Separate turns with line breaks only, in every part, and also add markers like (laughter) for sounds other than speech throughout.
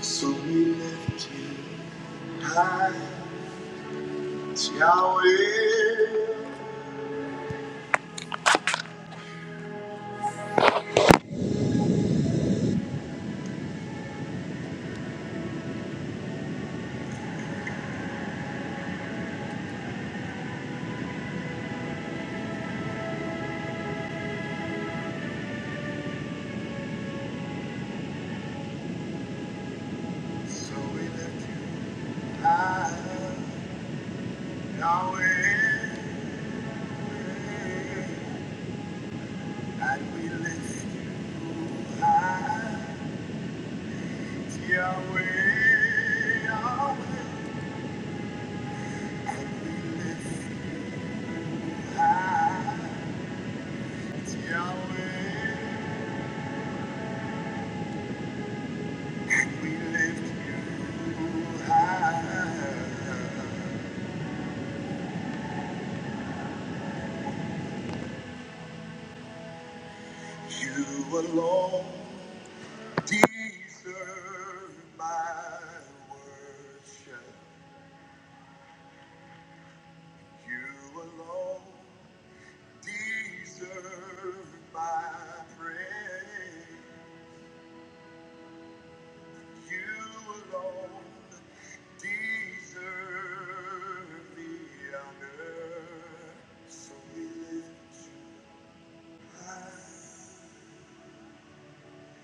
So we lift you high, Yahweh. So we lift you high, Yahweh. And we lift you high, Yahweh. Yahweh. And we lift you high, Yahweh. And we lift you high. You alone deserve my worship. You alone deserve my praise. You alone deserve the honor. So we lift you high,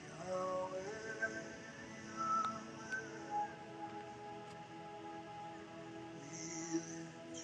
Yahweh, Yahweh. We lift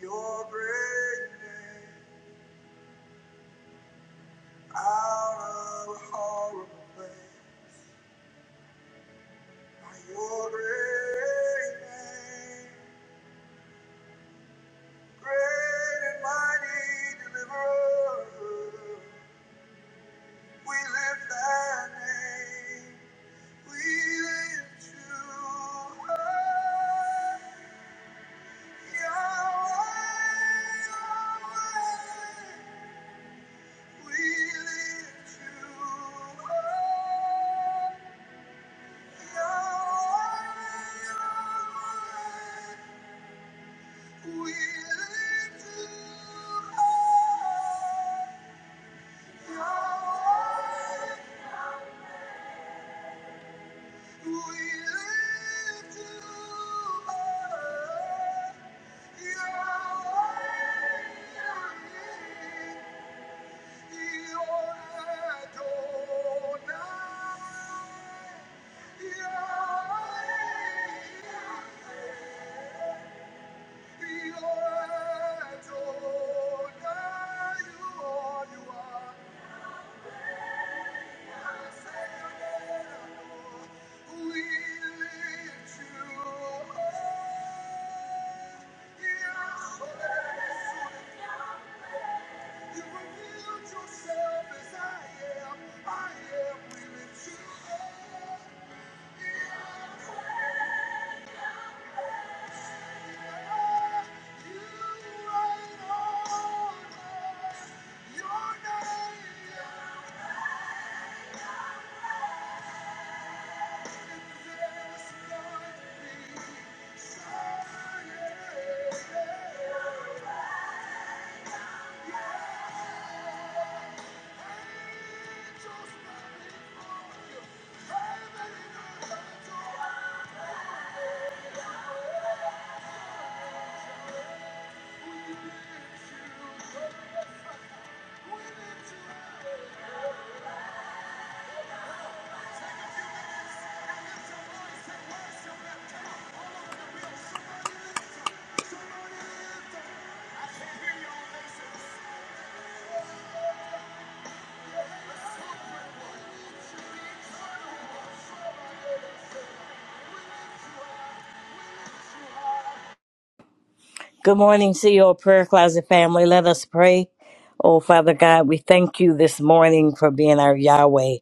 Your great name out of horrible place. By Your great name. Great and mighty deliverer, we lift thy name. We lift you high, Yahweh, Yahweh. We lift you high, Yahweh, Yahweh. We lift you high, Yahweh. We lift you up. You revealed yourself as I am. I am willing to honor You reign on. Your name I confess.
Good morning, CEO Prayer Closet family. Let us pray. Oh, Father God, we thank you this morning for being our Yahweh.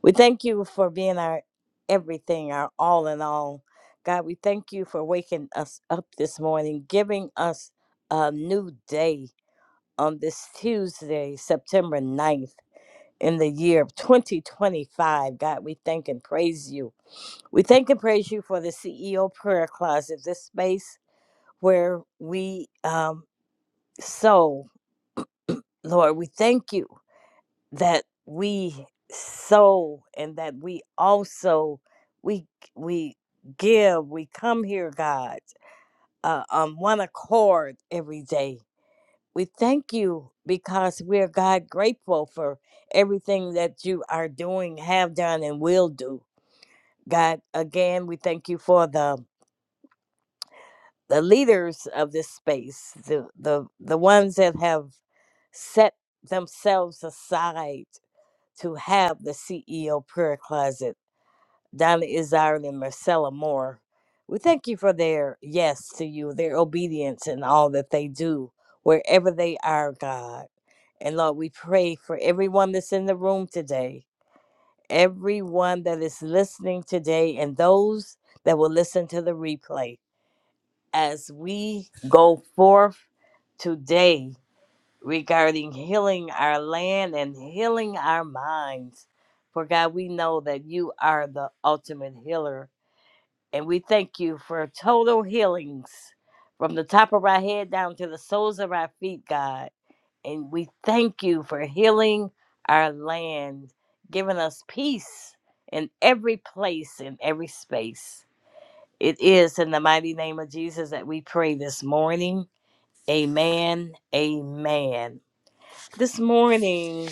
We thank you for being our everything, our all in all. God, we thank you for waking us up this morning, giving us a new day on this Tuesday, September ninth in the year of 2025. God, we thank and praise you. We thank and praise you for the CEO Prayer Closet, this space where we, um, so, (clears throat) Lord, we thank you that we sow and that we also we we give. We come here, God, uh, on one accord every day. We thank you because we are God grateful for everything that you are doing, have done, and will do. God, again, we thank you for the the leaders of this space, the the the ones that have set themselves aside to have the CEO prayer closet, Donna Izzard and Marcella Moore. We thank you for their yes to you, their obedience and all that they do, wherever they are, God. And Lord, we pray for everyone that's in the room today, everyone that is listening today, and those that will listen to the replay as we go forth today regarding healing our land and healing our minds. For God, we know that you are the ultimate healer. And we thank you for total healings from the top of our head down to the soles of our feet, God. And we thank you for healing our land, giving us peace in every place, in every space. It is in the mighty name of Jesus that we pray this morning. Amen. Amen. This morning,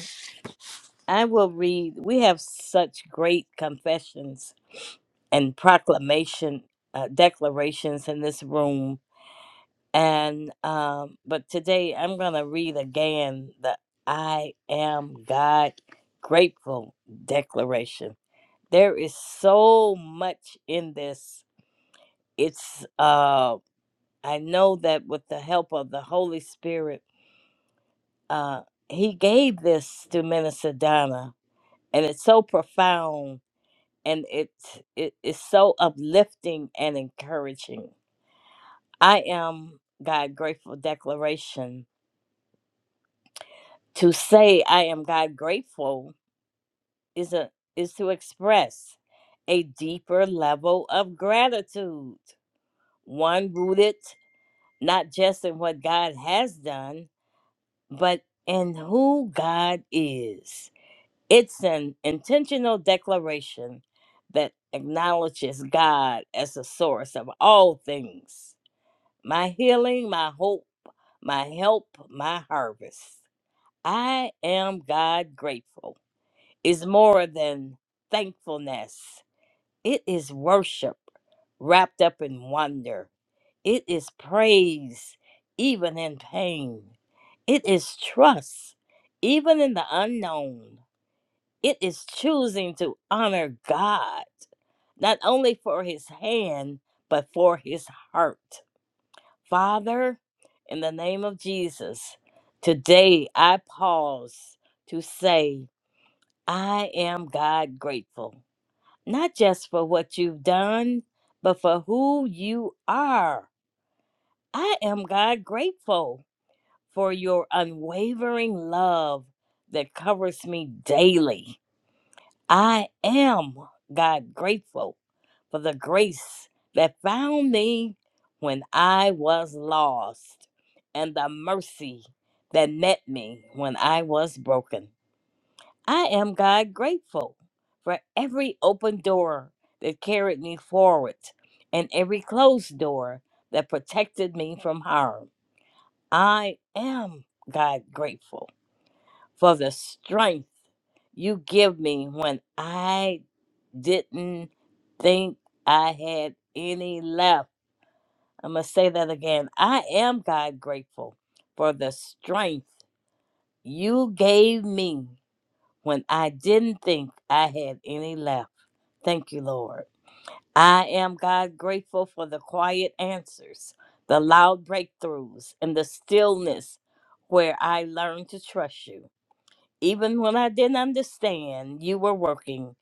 I will read. We have such great confessions and proclamation uh, declarations in this room, and um, but today I'm gonna read again the "I am God grateful" declaration. There is so much in this. It's uh, I know that with the help of the Holy Spirit, uh, He gave this to Minister Donna and it's so profound and it's it is so uplifting and encouraging i am god grateful declaration to say i am god grateful is a is to express a deeper level of gratitude one rooted not just in what god has done but in who god is It's an intentional declaration that acknowledges God as the source of all things my healing, my hope, my help, my harvest. I am God grateful is more than thankfulness, it is worship wrapped up in wonder, it is praise, even in pain, it is trust, even in the unknown. It is choosing to honor God, not only for his hand, but for his heart. Father, in the name of Jesus, today I pause to say, I am God grateful, not just for what you've done, but for who you are. I am God grateful for your unwavering love that covers me daily I am, God, grateful for the grace that found me when I was lost and the mercy that met me when I was broken. I am, God, grateful for every open door that carried me forward and every closed door that protected me from harm. I am, God, grateful for the strength you give me when I didn't think I had any left. I'm going to say that again. I am God grateful for the strength you gave me when I didn't think I had any left. Thank you, Lord. I am God grateful for the quiet answers, the loud breakthroughs, and the stillness where I learned to trust you. Even when I didn't understand, you were working.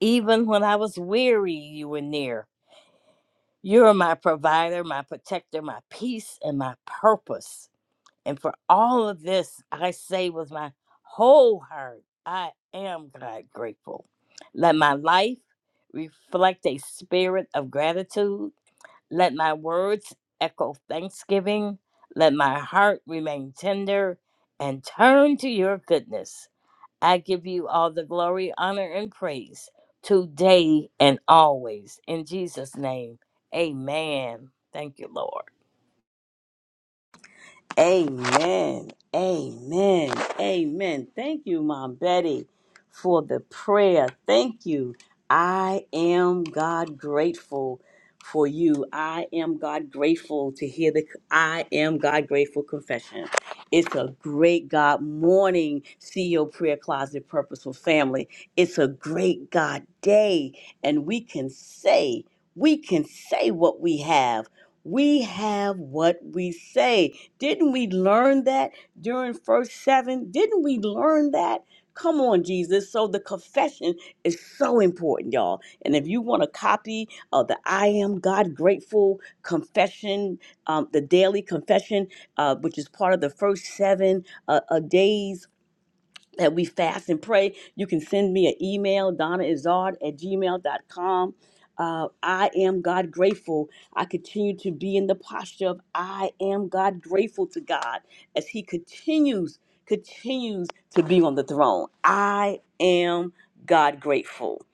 Even when I was weary, you were near. You are my provider, my protector, my peace, and my purpose. And for all of this, I say with my whole heart, I am God grateful. Let my life reflect a spirit of gratitude. Let my words echo thanksgiving. Let my heart remain tender and turn to your goodness. I give you all the glory, honor, and praise today and always. In Jesus' name, amen. Thank you, Lord.
Amen. Amen. Amen. Thank you, Mom Betty, for the prayer. Thank you. I am God grateful for you. I am God grateful to hear the I am God grateful confession. It's a great God morning, CEO Prayer Closet Purposeful Family. It's a great God day, and we can say, we can say what we have. We have what we say. Didn't we learn that during first seven? Didn't we learn that? Come on, Jesus. So the confession is so important, y'all. And if you want a copy of the I Am God Grateful Confession, um, the daily confession, uh, which is part of the first seven uh, uh, days that we fast and pray. You can send me an email, donnaizard at gmail gmail.com. Uh, I am God grateful. I continue to be in the posture of I am God grateful to God as He continues, continues to be on the throne. I am God grateful.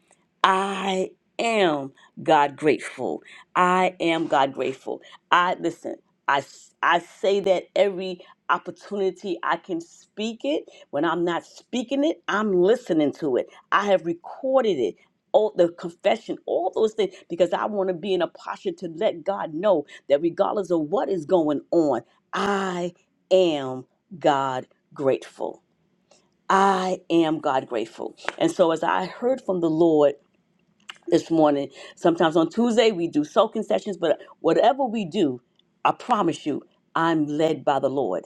I am God grateful. I am God grateful. I listen. I I say that every opportunity I can speak it when I'm not speaking it, I'm listening to it. I have recorded it. All the confession, all those things, because I want to be in a posture to let God know that regardless of what is going on, I am God grateful. I am God grateful. And so, as I heard from the Lord this morning, sometimes on Tuesday we do soaking sessions, but whatever we do, I promise you, I'm led by the Lord.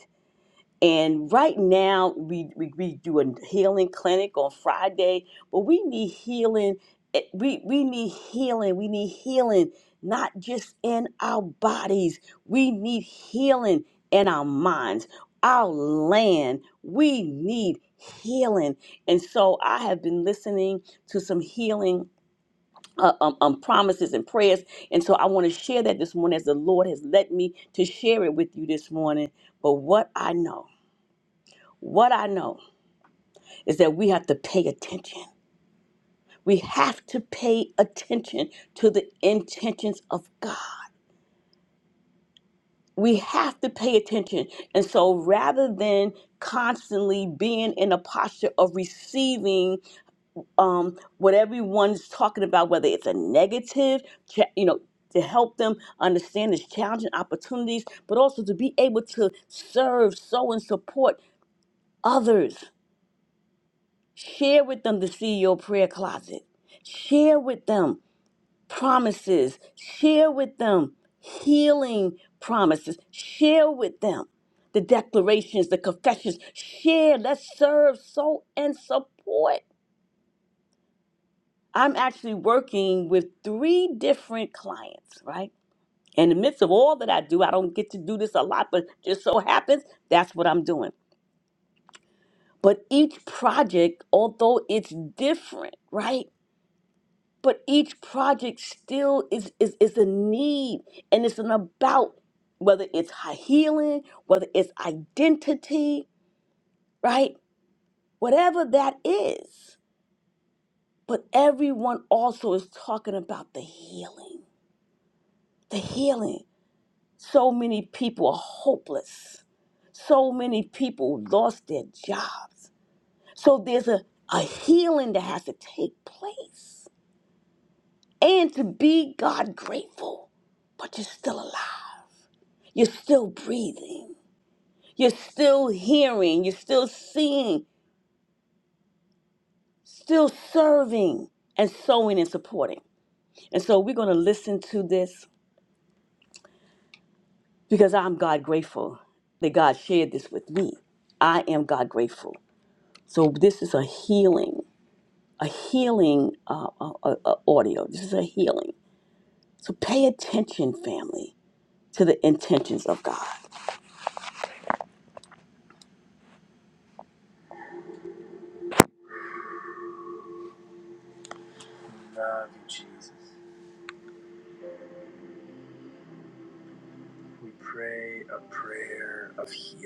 And right now, we, we, we do a healing clinic on Friday, but we need healing. eh, We, we need healing. We need healing, not just in our bodies, we need healing in our minds, our land. We need healing. And so I have been listening to some healing. Uh, um, um, promises and prayers. And so I want to share that this morning as the Lord has led me to share it with you this morning. But what I know. What I know is that we have to pay attention. We have to pay attention to the intentions of God. We have to pay attention. And so rather than constantly being in a posture of receiving um, what everyone's talking about, whether it's a negative, cha- you know, to help them understand this challenging opportunities, but also to be able to serve, sow, and support others Share with them the CEO prayer closet. Share with them promises. Share with them healing promises. Share with them the declarations, the confessions. Share. Let's serve, so and support. I'm actually working with three different clients, right? In the midst of all that I do, I don't get to do this a lot, but just so happens that's what I'm doing. But each project, although it's different, right? but each project still is is is a need and it's an about whether it's high healing whether it's identity right whatever that is but everyone also is talking about the healing the healing so many people are hopeless so many people lost their jobs so there's a, a healing that has to take place and to be god grateful but you're still alive You're still breathing. You're still hearing. You're still seeing, still serving and sowing and supporting. And so we're going to listen to this because I'm God grateful that God shared this with me. I am God grateful. So this is a healing, a healing uh, uh, uh, uh, audio. This is a healing. So pay attention, family, to the intentions of God. Love you, Jesus. We pray a prayer of healing.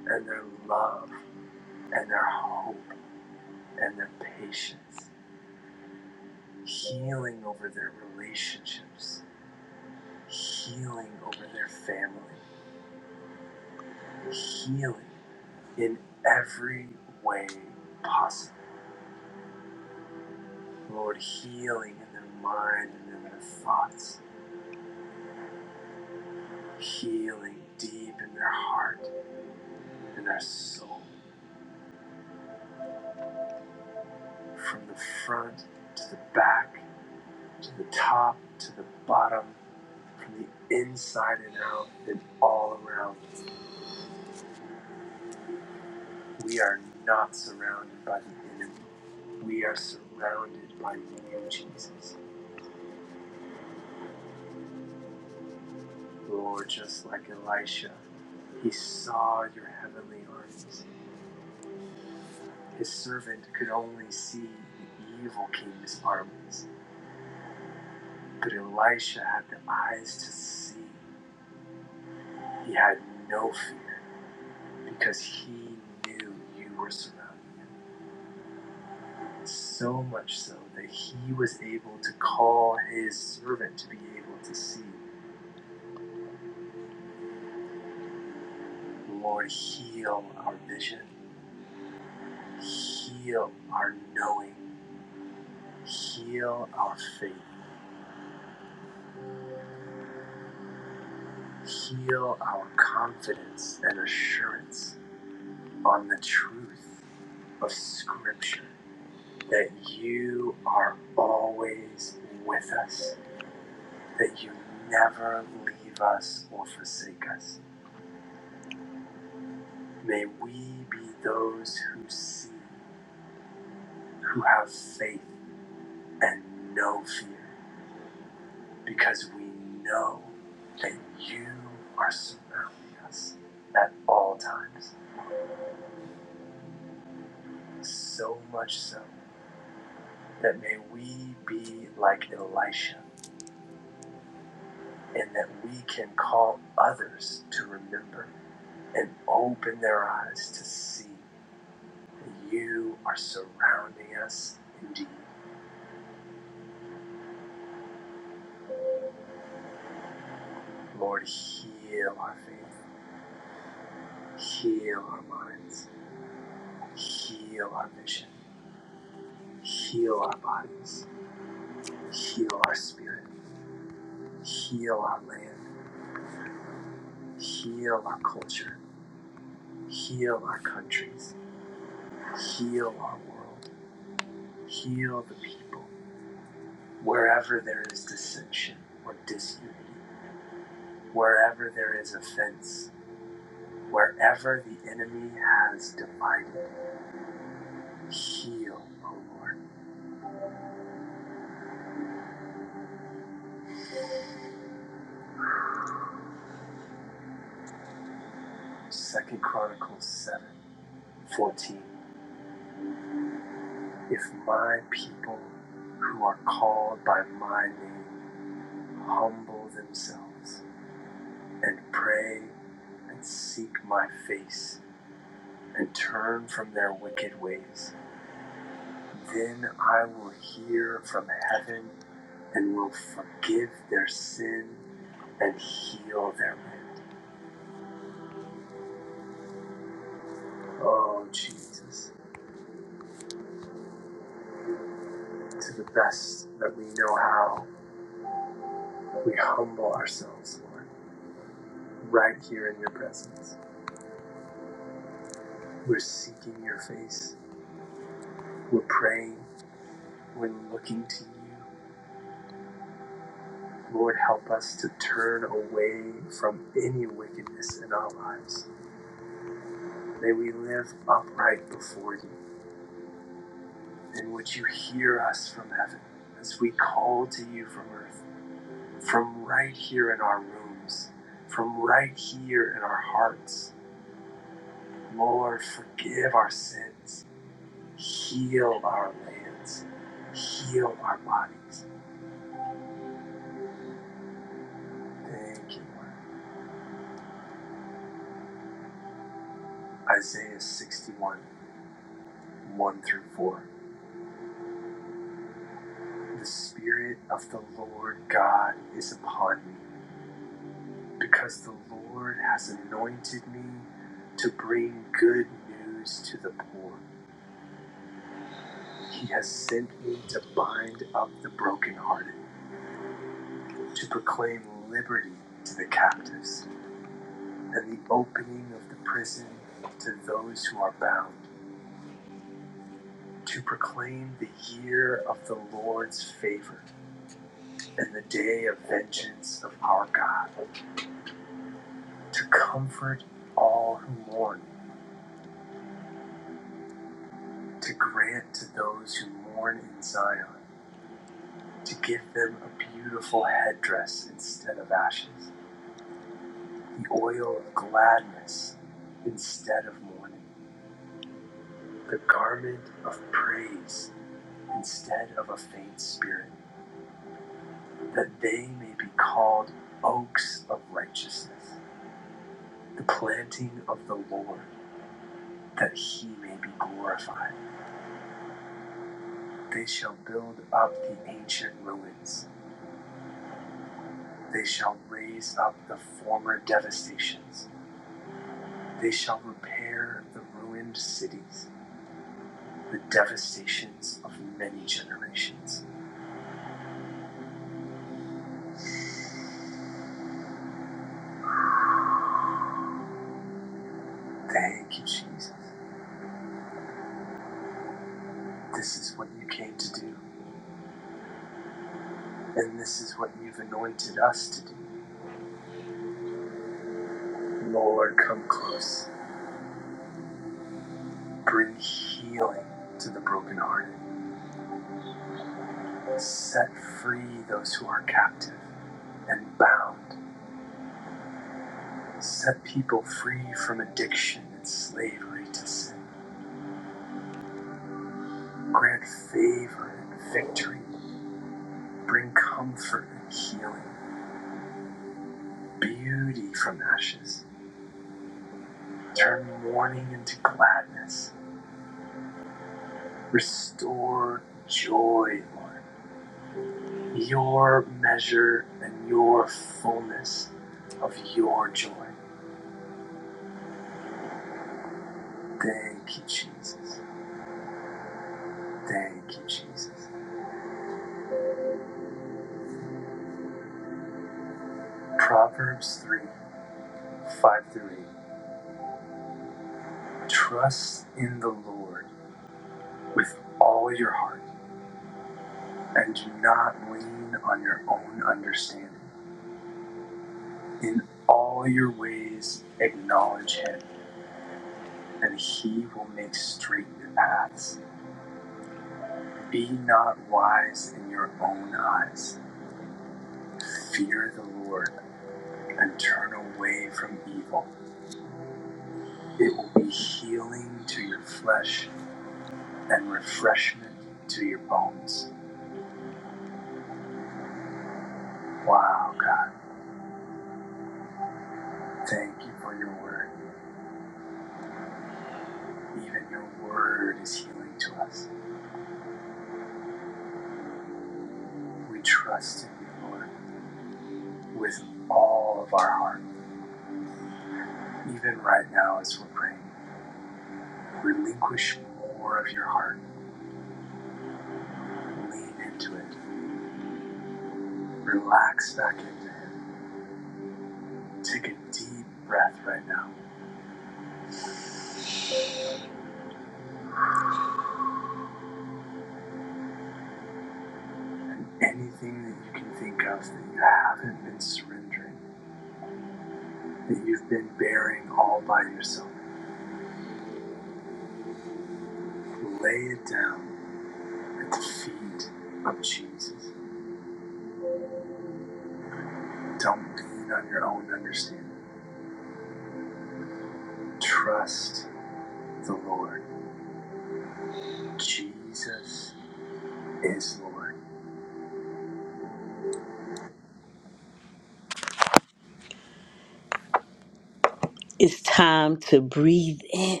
It's time to breathe in,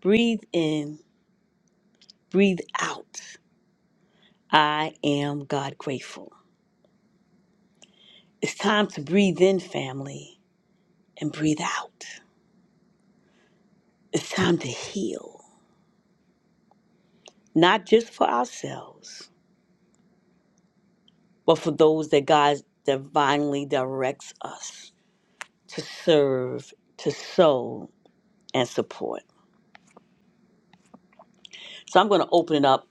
breathe in, breathe out. I am God grateful. It's time to breathe in, family, and breathe out. It's time to heal, not just for ourselves, but for those that God divinely directs us to serve, to sow, and support. So I'm going to open it up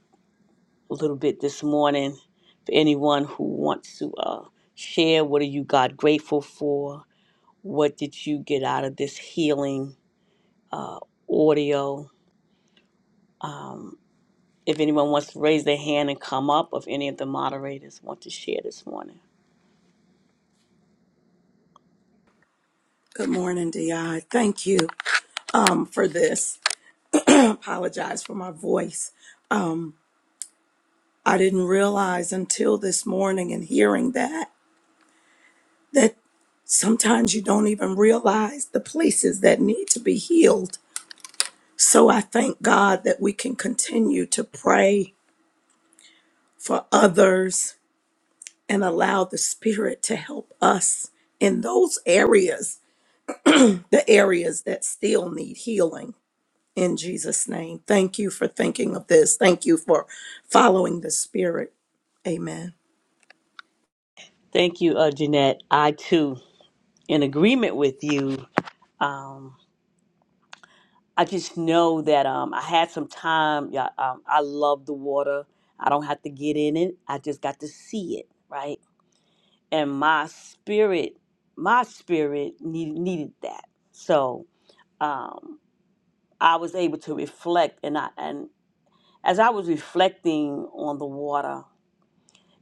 a little bit this morning for anyone who wants to uh, share what are you God grateful for What did you get out of this healing audio? If anyone wants to raise their hand and come up, if any of the moderators want to share this morning.
Good morning, Di. Thank you um, for this. I apologize for my voice. Um, I didn't realize until this morning and hearing that that sometimes you don't even realize the places that need to be healed. So I thank God that we can continue to pray for others and allow the Spirit to help us in those areas, the areas that still need healing. in Jesus' name. Thank you for thinking of this. Thank you for following the Spirit. Amen.
Thank you, uh, Jeanette. I too, in agreement with you. Um, I just know that um, I had some time. Yeah, um, I love the water. I don't have to get in it. I just got to see it, right? And my spirit, my spirit need, needed that. So um, I was able to reflect, and I and As I was reflecting on the water,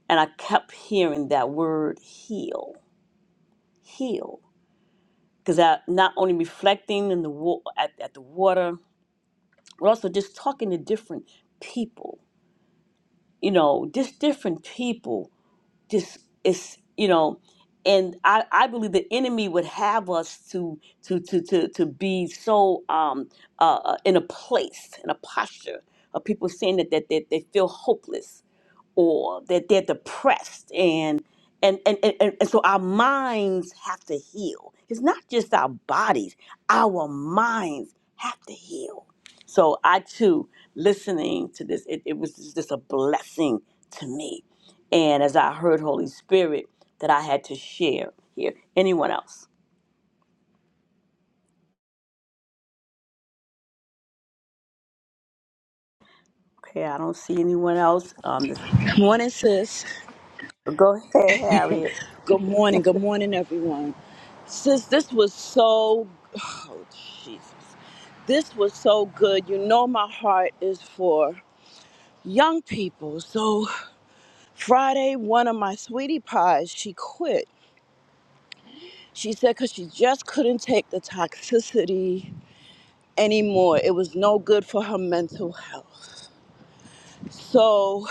and I kept hearing that word heal, heal. Because I not only reflecting in the wa- at, at the water, but also just talking to different people, you know, just different people just it's you know and I, I believe the enemy would have us to to to to to be so um uh uh, in a place in a posture of people saying that that, that they feel hopeless or that they're depressed and and, and, and, and and so our minds have to heal. It's not just our bodies, our minds have to heal so I too, listening to this, it, it was just a blessing to me. And as I heard Holy Spirit, that I had to share here. Anyone else? Okay, I don't see anyone else. Um, this-
Morning, sis.
go ahead, Harriet.
Good morning. Good morning, everyone. Sis, this was so. Oh, Jesus. This was so good. You know, my heart is for young people. So, Friday, one of my sweetie pies, she quit. She said because she just couldn't take the toxicity anymore. It was no good for her mental health. So,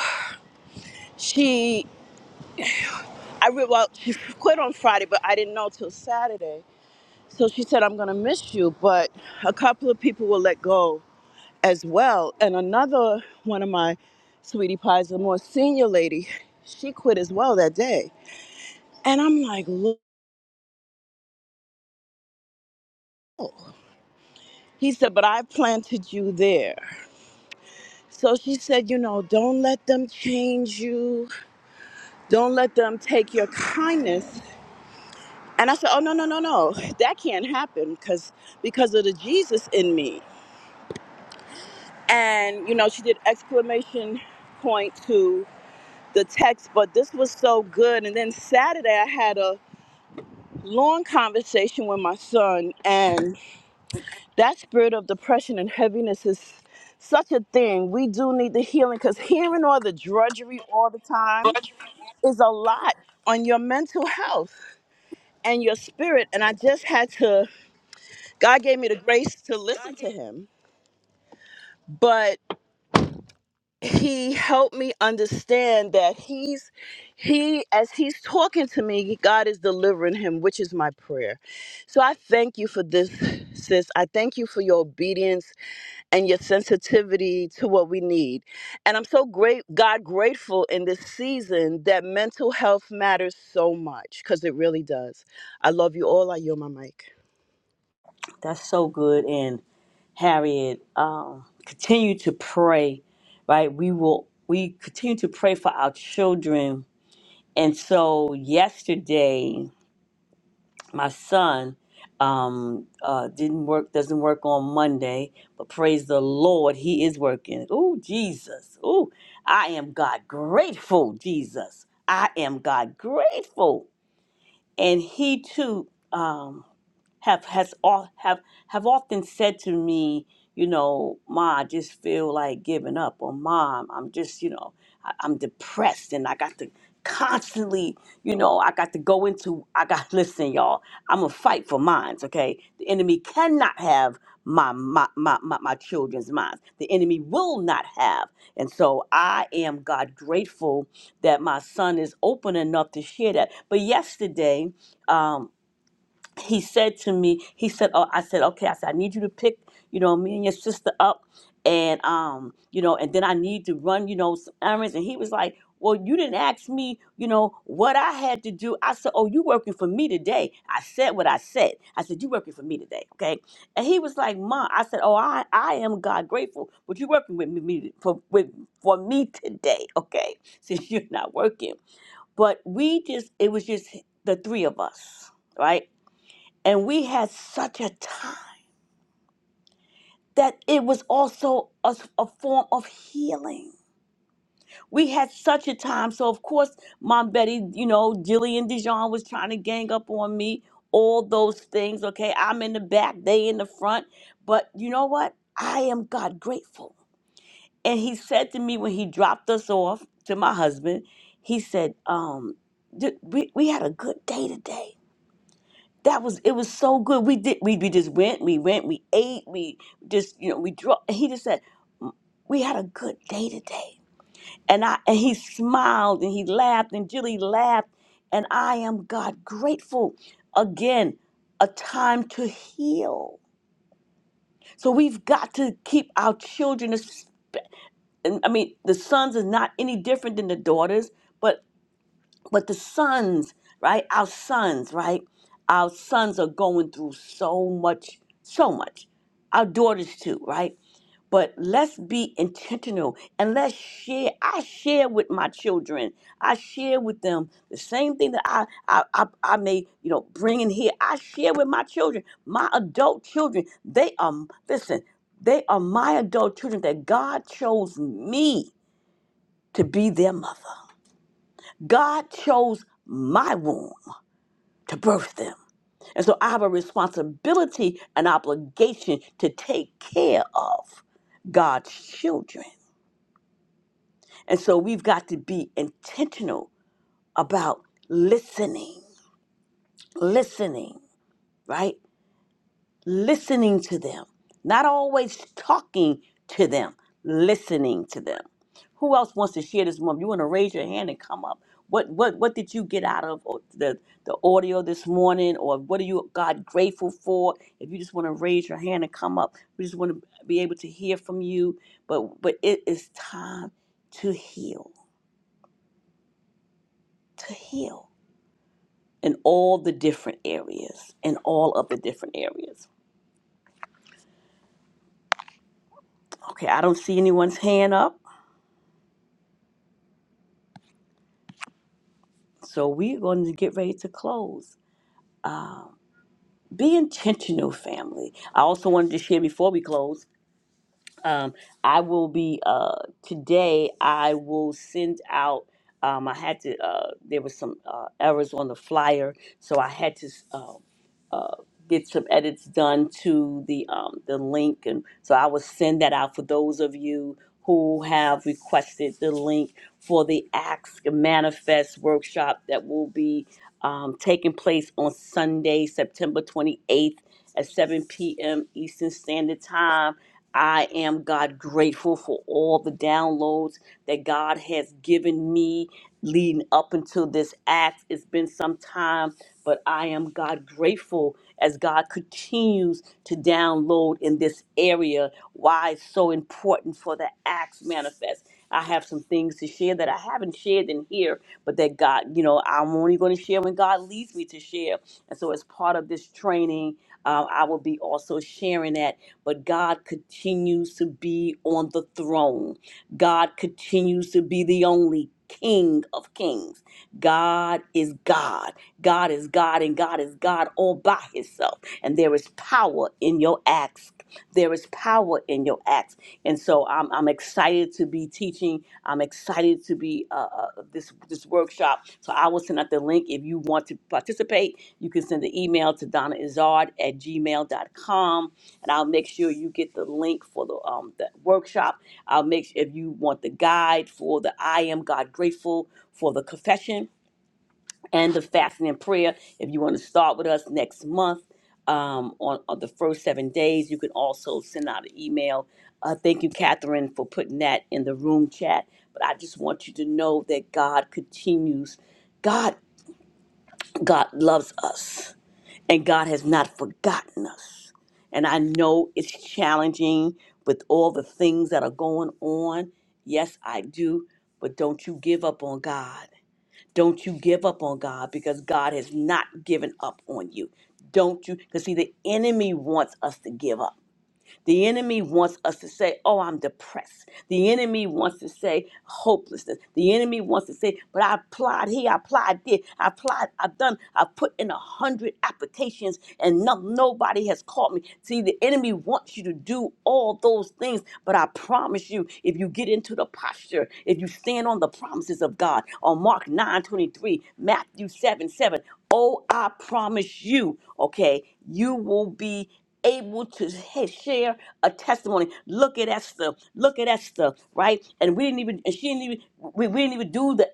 she. I re- well, she quit on Friday, but I didn't know till Saturday So she said, I'm going to miss you, but a couple of people will let go as well. And another one of my sweetie pies, the more senior lady, she quit as well that day. And I'm like, look, he said, but I planted you there. So she said, you know, don't let them change you. Don't let them take your kindness. And I said, oh, no, no, no, no. That can't happen because because of the Jesus in me. And, you know, she did exclamation point two the text, but this was so good. And then Saturday, I had a long conversation with my son, and that spirit of depression and heaviness is such a thing. We do need the healing because hearing all the drudgery all the time
Roger,
is a
we-
lot on your mental health and your spirit. And I just had to, God gave me the grace to listen
God gave
to him. But he helped me understand that he's he as he's talking to me god is delivering him which is my prayer so i thank you for this sis i thank you for your obedience and your sensitivity to what we need and i'm so great god grateful in this season that mental health matters so much because it really does i love you all i yield my mic
That's so good. And Harriet, um, continue to pray. Right, we will. We continue to pray for our children. And so yesterday. my son um uh didn't work doesn't work on Monday, but praise the Lord, he is working. Oh Jesus. Oh, I am God grateful, Jesus. I am God grateful. And he too um have has all have have often said to me, you know, Ma, I just feel like giving up, or Mom, I'm just, you know, I, I'm depressed, and I got to constantly, you know, I got to go into, I got (laughs) listen, y'all, I'm gonna fight for minds, okay? The enemy cannot have my my my my, my children's minds. The enemy will not have, and so I am God grateful that my son is open enough to share that. But yesterday, um he said to me, he said, "Oh, I said, okay." I said, "I need you to pick, you know, me and your sister up, and um, you know, and then I need to run, you know, some errands." And he was like, "Well, you didn't ask me, you know, what I had to do." I said, "Oh, you working for me today?" I said what I said. I said, "You working for me today, okay?" And he was like, "Mom," I said, "Oh, I, I am God grateful, but you working with me, me for with for me today, okay? (laughs) Since you're not working, but we just, it was just the three of us, right?" And we had such a time that it was also a, a form of healing. We had such a time. So, of course, Mom Betty, you know, Jillian Dijon was trying to gang up on me, all those things. Okay, I'm in the back, they in the front. But you know what? I am God grateful. And he said to me when he dropped us off to my husband, he said, um, "Th- we, we had a good day today. that was it was so good. We did we, we just went, we went, we ate, we just you know we drove. He just said "Mm, we had a good day today, and I and he smiled and he laughed and Jilly laughed, and I am God grateful. Again, a time to heal. So we've got to keep our children. as- and I mean, the sons is not any different than the daughters, but but the sons, right? Our sons, right? Our sons are going through so much, so much. Our daughters too, right? But let's be intentional and let's share. I share with my children. I share with them the same thing that I I, I, I may you know bring in here. I share with my children, my adult children. They are listen. They are my adult children that God chose me to be their mother. God chose my womb to birth them. And so I have a responsibility and obligation to take care of God's children. And so we've got to be intentional about listening, listening, right? listening to them, not always talking to them, listening to them. Who else wants to share this morning? You want to raise your hand and come up. What what what did you get out of oh, the the audio this morning, or what are you God grateful for? If you just want to raise your hand and come up, we just want to be able to hear from you. But but it is time to heal, to heal in all the different areas, in all of the different areas. Okay, I don't see anyone's hand up. So we're going to get ready to close. Be intentional, family. I also wanted to share before we close um, I will be uh, today. I will send out. Um, I had to. Uh, there was some uh, errors on the flyer, so I had to uh, uh, get some edits done to the um, the link, and so I will send that out for those of you who have requested the link for the Acts Manifest workshop that will be um, taking place on Sunday, September twenty eighth at seven p.m. Eastern Standard Time I am, God, grateful for all the downloads that God has given me leading up until this act. It's been some time, but I am, God, grateful as God continues to download in this area why it's so important for the acts manifest. I have some things to share that I haven't shared in here, but that God, you know, I'm only going to share when God leads me to share. And so, as part of this training, um, I will be also sharing that but God continues to be on the throne. God continues to be the only King of kings. God is God. God is God, and God is God all by Himself. And there is power in your acts. There is power in your acts. And so I'm, I'm excited to be teaching. I'm excited to be uh, uh, this this workshop. So I will send out the link if you want to participate. You can send an email to donnaizard at gmail dot com and I'll make sure you get the link for the um the workshop. I'll make sure if you want the guide for the I am God grateful for the confession and the fasting and prayer. If you want to start with us next month um, on, on the first seven days, you can also send out an email. Uh, thank you, Catherine, for putting that in the room chat. But I just want you to know that God continues. God, God loves us. And God has not forgotten us. And I know it's challenging with all the things that are going on. Yes, I do. But don't you give up on God. Don't you give up on God because God has not given up on you. Don't you? Because, see, the enemy wants us to give up. The enemy wants us to say, Oh, I'm depressed. The enemy wants to say hopelessness. The enemy wants to say, But I applied here, I applied there, I applied, I've done, I've put in a hundred applications and no, nobody has called me. See, the enemy wants you to do all those things, but I promise you, if you get into the posture, if you stand on the promises of God, on Mark 9 23, Matthew 7 7, oh, I promise you, okay, you will be able to he- share a testimony. Look at Esther. Look at Esther, right? And we didn't even, and she didn't even, we, we didn't even do the,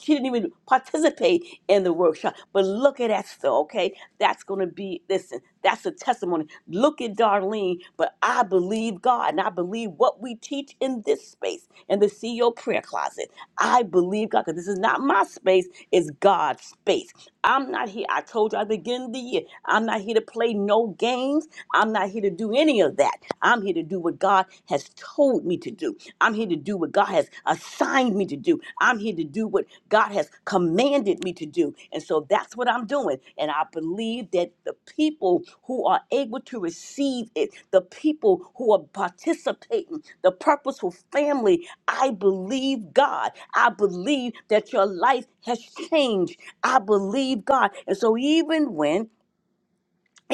she didn't even participate in the workshop. But look at Esther, okay? That's going to be, listen, that's a testimony. Look at Darlene, but I believe God and I believe what we teach in this space, in the CEO prayer closet. I believe God, because this is not my space, it's God's space. I'm not here. I told you at the beginning of the year, I'm not here to play no games. I'm not here to do any of that. I'm here to do what God has told me to do. I'm here to do what God has assigned me to do. I'm here to do what God has commanded me to do. And so that's what I'm doing. And I believe that the people who are able to receive it, the people who are participating, the purposeful family, I believe God. I believe that your life has changed. I believe God. And so even when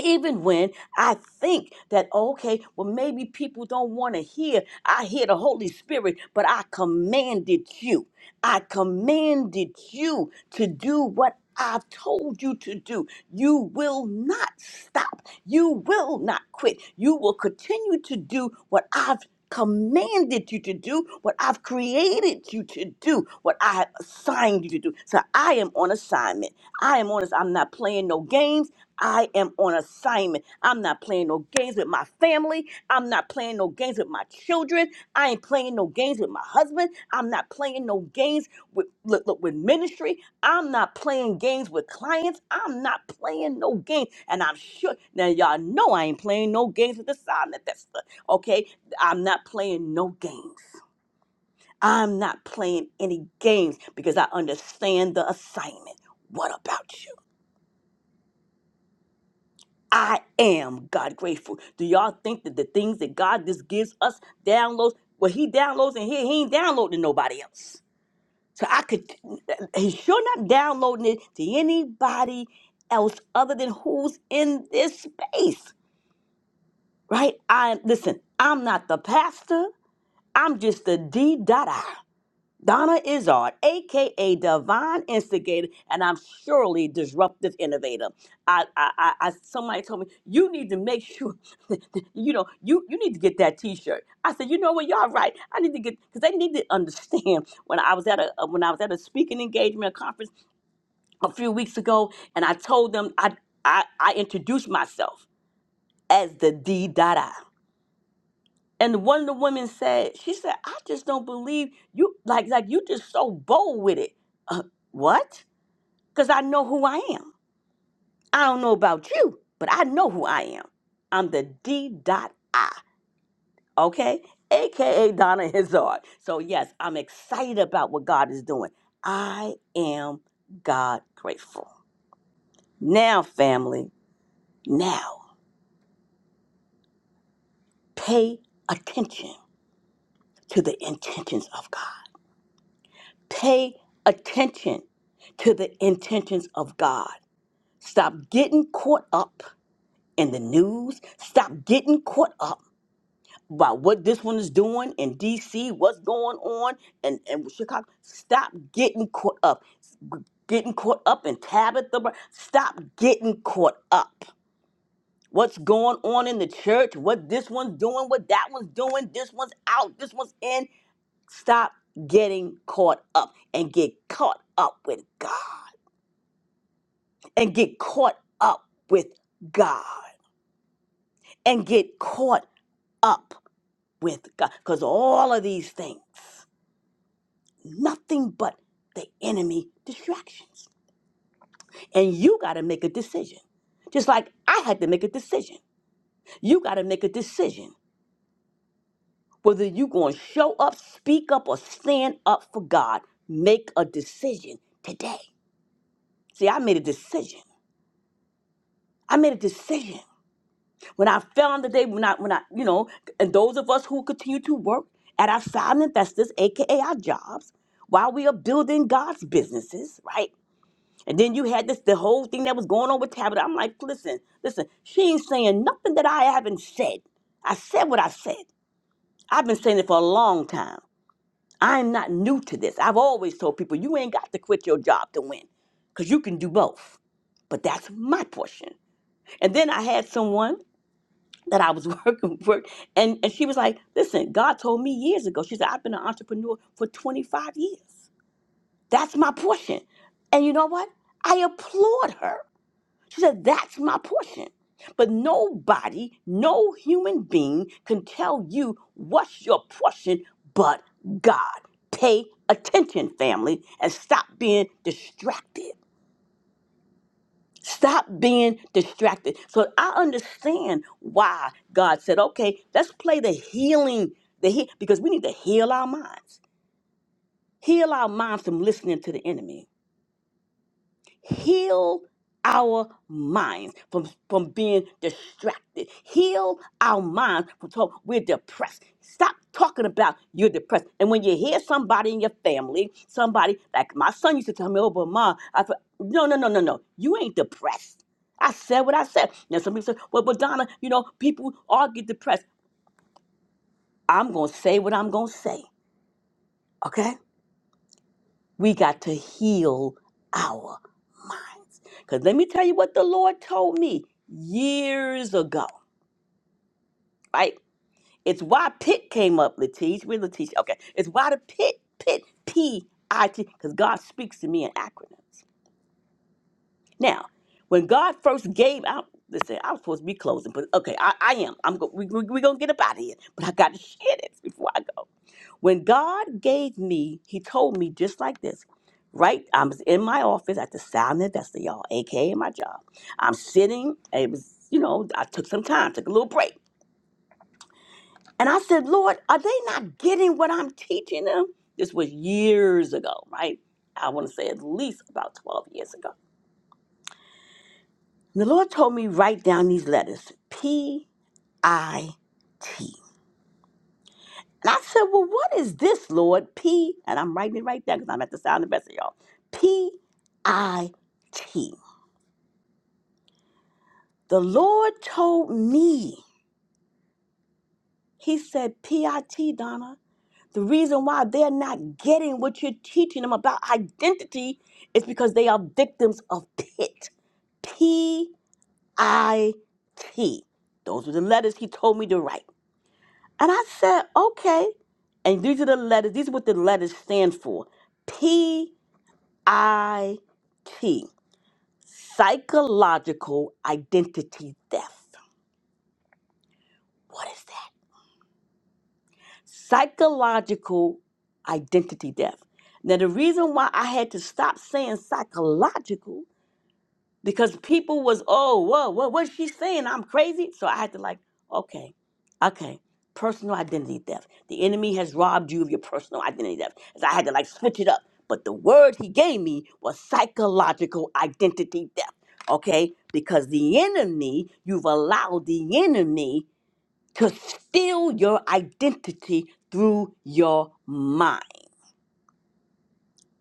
even when I think that, okay, well, maybe people don't want to hear, I hear the Holy Spirit, but I commanded you. I commanded you to do what I've told you to do. You will not stop. You will not quit. You will continue to do what I've commanded you to do, what I've created you to do, what I have assigned you to do. So I am on assignment. I am on this. I'm not playing no games. I am on assignment. I'm not playing no games with my family. I'm not playing no games with my children. I ain't playing no games with my husband. I'm not playing no games with look, look, with ministry. I'm not playing games with clients. I'm not playing no games. And I'm sure now y'all know I ain't playing no games with assignment. That's the, okay. I'm not playing no games. I'm not playing any games because I understand the assignment. What about you? I am God grateful. Do y'all think that the things that God just gives us downloads, well, He downloads in here, He ain't downloading nobody else. So I could, He's sure not downloading it to anybody else other than who's in this space, right? I listen. I'm not the pastor. I'm just the D dot I. Donna Izard, aka Divine Instigator, and I'm surely disruptive innovator. I, I, I, I- somebody told me you need to make sure, (laughs) that, that, you know, you you need to get that T-shirt. I said, you know what, y'all right. I need to get because they need to understand. (laughs) When I was at a uh, when I was at a speaking engagement a conference a few weeks ago, and I told them I I, I introduced myself as the D Dada. And one of the women said, she said, I just don't believe you like like you just so bold with it. Uh, what? Cuz I know who I am. I don't know about you, but I know who I am. I'm the D dot I, okay? AKA Donna Hazard. So yes, I'm excited about what God is doing. I am God grateful. Now, family, now pay attention to the intentions of God. Pay attention to the intentions of God. Stop getting caught up in the news. Stop getting caught up by what this one is doing in DC, what's going on in, in Chicago. Stop getting caught up. Getting caught up in Tabitha. Brown. Stop getting caught up. What's going on in the church? What this one's doing, what that one's doing, this one's out, this one's in. Stop getting caught up and get caught up with God. and get caught up with God and get caught up with God. Because all of these things, nothing but the enemy distractions. And you got to make a decision. Just like I had to make a decision. You got to make a decision whether you're going to show up, speak up, or stand up for God. Make a decision today. See, I made a decision. I made a decision. When I found the day, when I, when I, you know, and those of us who continue to work at our side investors, aka our jobs, while we are building God's businesses, right? And then you had this the whole thing that was going on with Tabitha. I'm like, listen, listen, she ain't saying nothing that I haven't said. I said what I said. I've been saying it for a long time. I'm not new to this. I've always told people you ain't got to quit your job to win, because you can do both. But that's my portion. And then I had someone that I was (laughs) working work and and she was like, "Listen, God told me years ago." She said, "I've been an entrepreneur for 25 years. That's my portion." And you know what? I applaud her. She said, "That's my portion." But nobody, no human being can tell you what's your portion but God. Pay attention, family, and stop being distracted. Stop being distracted. So I understand why God said, okay, let's play the healing, the he- because we need to heal our minds. Heal our minds from listening to the enemy heal our minds from, from being distracted. Heal our minds from talk. We're depressed. Stop talking about you're depressed. And when you hear somebody in your family, somebody like my son used to tell me, "Oh, but mom, I thought no, no, no, no, no. You ain't depressed. I said what I said." Now some people say, "Well, but Donna, you know, people all get depressed." I'm gonna say what I'm gonna say. Okay? We got to heal our minds. Because let me tell you what the Lord told me years ago, right? It's why pit came up, Latish. We're Latish. Okay. It's why the pit, pit, P I T, because God speaks to me in acronyms. Now, when God first gave out, listen, I was supposed to be closing, but okay, I, I am. I'm go, we, we, We're going to get up out of here, but I got to share this before I go. When God gave me, He told me just like this. Right, I was in my office at the Sound Investor, y'all, aka my job. I'm sitting. and It was, you know, I took some time, took a little break, and I said, "Lord, are they not getting what I'm teaching them?" This was years ago, right? I want to say at least about 12 years ago. And the Lord told me write down these letters: P I T. And I said, Well, what is this, Lord? P, and I'm writing it right there because I'm at the sound the best of y'all. P I T. The Lord told me, He said, P I T, Donna, the reason why they're not getting what you're teaching them about identity is because they are victims of pit. P I T. Those were the letters He told me to write. And I said, Okay. And these are the letters, these are what the letters stand for. IT, psychological identity theft. What is that? Psychological identity theft. Now, the reason why I had to stop saying psychological because people was oh whoa whoa what's she saying i'm crazy so i had to like okay okay personal identity theft the enemy has robbed you of your personal identity theft so i had to like switch it up but the word he gave me was psychological identity theft okay because the enemy you've allowed the enemy to steal your identity through your mind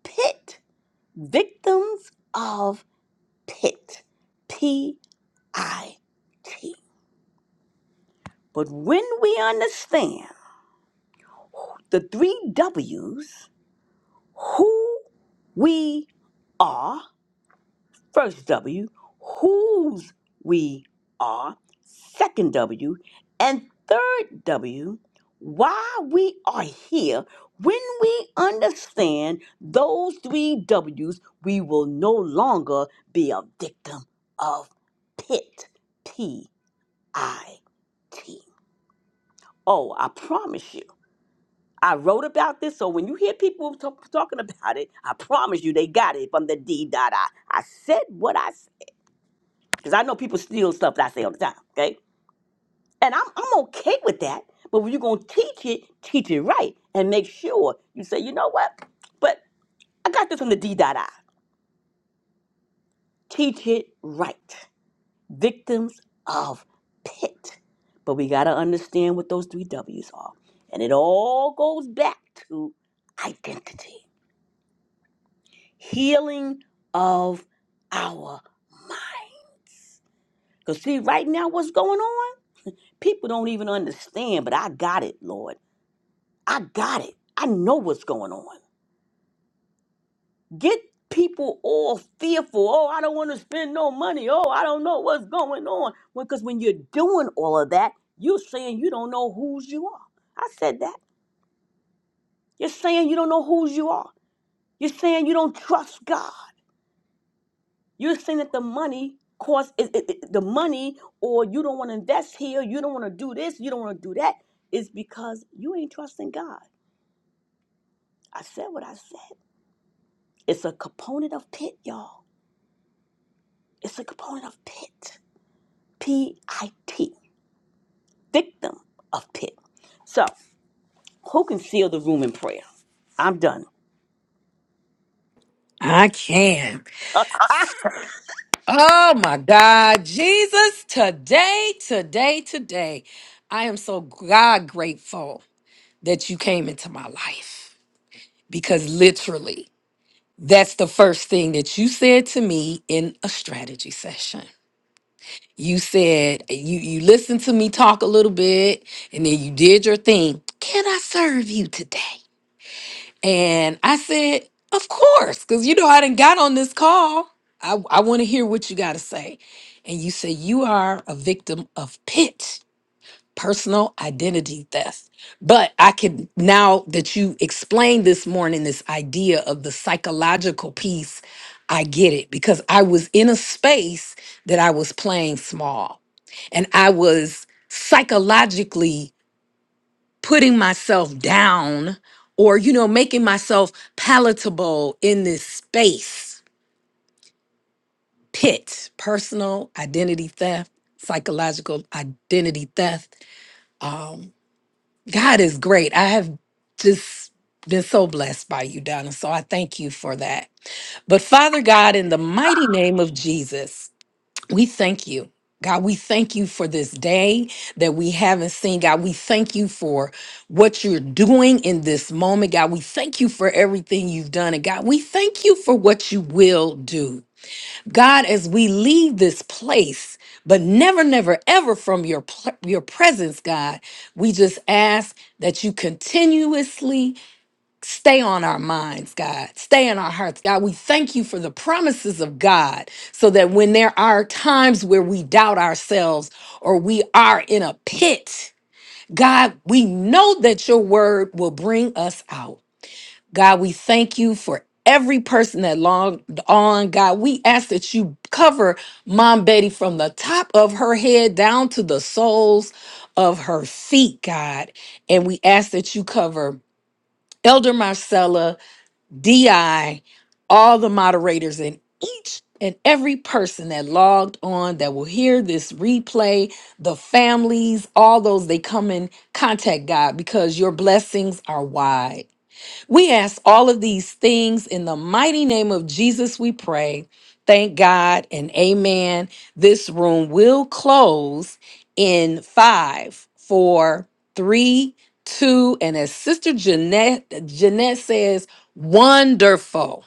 pit victims of pit IT. But when we understand the three W's, who we are, first W, whose we are, second W, and third W, why we are here, when we understand those three W's, we will no longer be a victim of pit, P I T. Oh, I promise you. I wrote about this, so when you hear people (laughs) talk, talking about it, I promise you they got it from the D dot I. I said what I said because I know people steal stuff that I say all the time. Okay, and I'm I'm okay with that. But when you're gonna teach it, teach it right, and make sure you say, you know what? But I got this from the D dot I. Teach it right. Victims of pit. But we gotta understand what those three W's are, and it all goes back to identity. healing of our mind. Because, see, right now, what's going on? People don't even understand, but I got it, Lord. I got it. I know what's going on. Get people all fearful. Oh, I don't want to spend no money. Oh, I don't know what's going on. Because when you're doing all of that, you're saying you don't know whose you are. I said that. You're saying you don't know whose you are. You're saying you don't trust God. You're saying that the money cost is it, it- the money, or you don't want to invest here, you don't want to do this, you don't want to do that, is because you ain't trusting God. I said what I said. It's a component of pit, y'all. It's a component of pit. P I T. Victim of pit. So, who can seal the room in prayer? I'm done.
I can.
(laughs)
Oh my God, Jesus, today, today, today, I am so God grateful that you came into my life because literally, that's the first thing that you said to me in a strategy session. You said you you listened to me talk a little bit and then you did your thing. Can I serve you today? And I said, Of course, because you know, I didn't got on this call. I, I want to hear what you got to say. And you said, You are a victim of PIT, personal identity theft. But I can, now that you explained this morning, this idea of the psychological piece, I get it because I was in a space that I was playing small and I was psychologically putting myself down or you know making myself palatable in this space pit personal identity theft psychological identity theft um god is great i have just been so blessed by you donna so i thank you for that but father god in the mighty name of jesus We thank you. God, we thank you for this day that we haven't seen. God, we thank you for what you're doing in this moment. God, we thank you for everything you've done. And God, we thank you for what you will do. God, as we leave this place, but never, never, ever from your, pl- your presence, God, we just ask that you continuously Stay on our minds, God. Stay in our hearts, God. We thank you for the promises of God so that when there are times where we doubt ourselves or we are in a pit, God, we know that your word will bring us out. God, we thank you for every person that longed on. God, we ask that you cover Mom Betty from the top of her head down to the soles of her feet, God. And we ask that you cover Elder Marcella DI, all the moderators, and each and every person that logged on that will hear this replay, the families, all those they come in contact, God, because your blessings are wide. We ask all of these things in the mighty name of Jesus, we pray. Thank God and amen. This room will close in five, four, three, two, and as Sister Jeanette, Jeanette says, wonderful.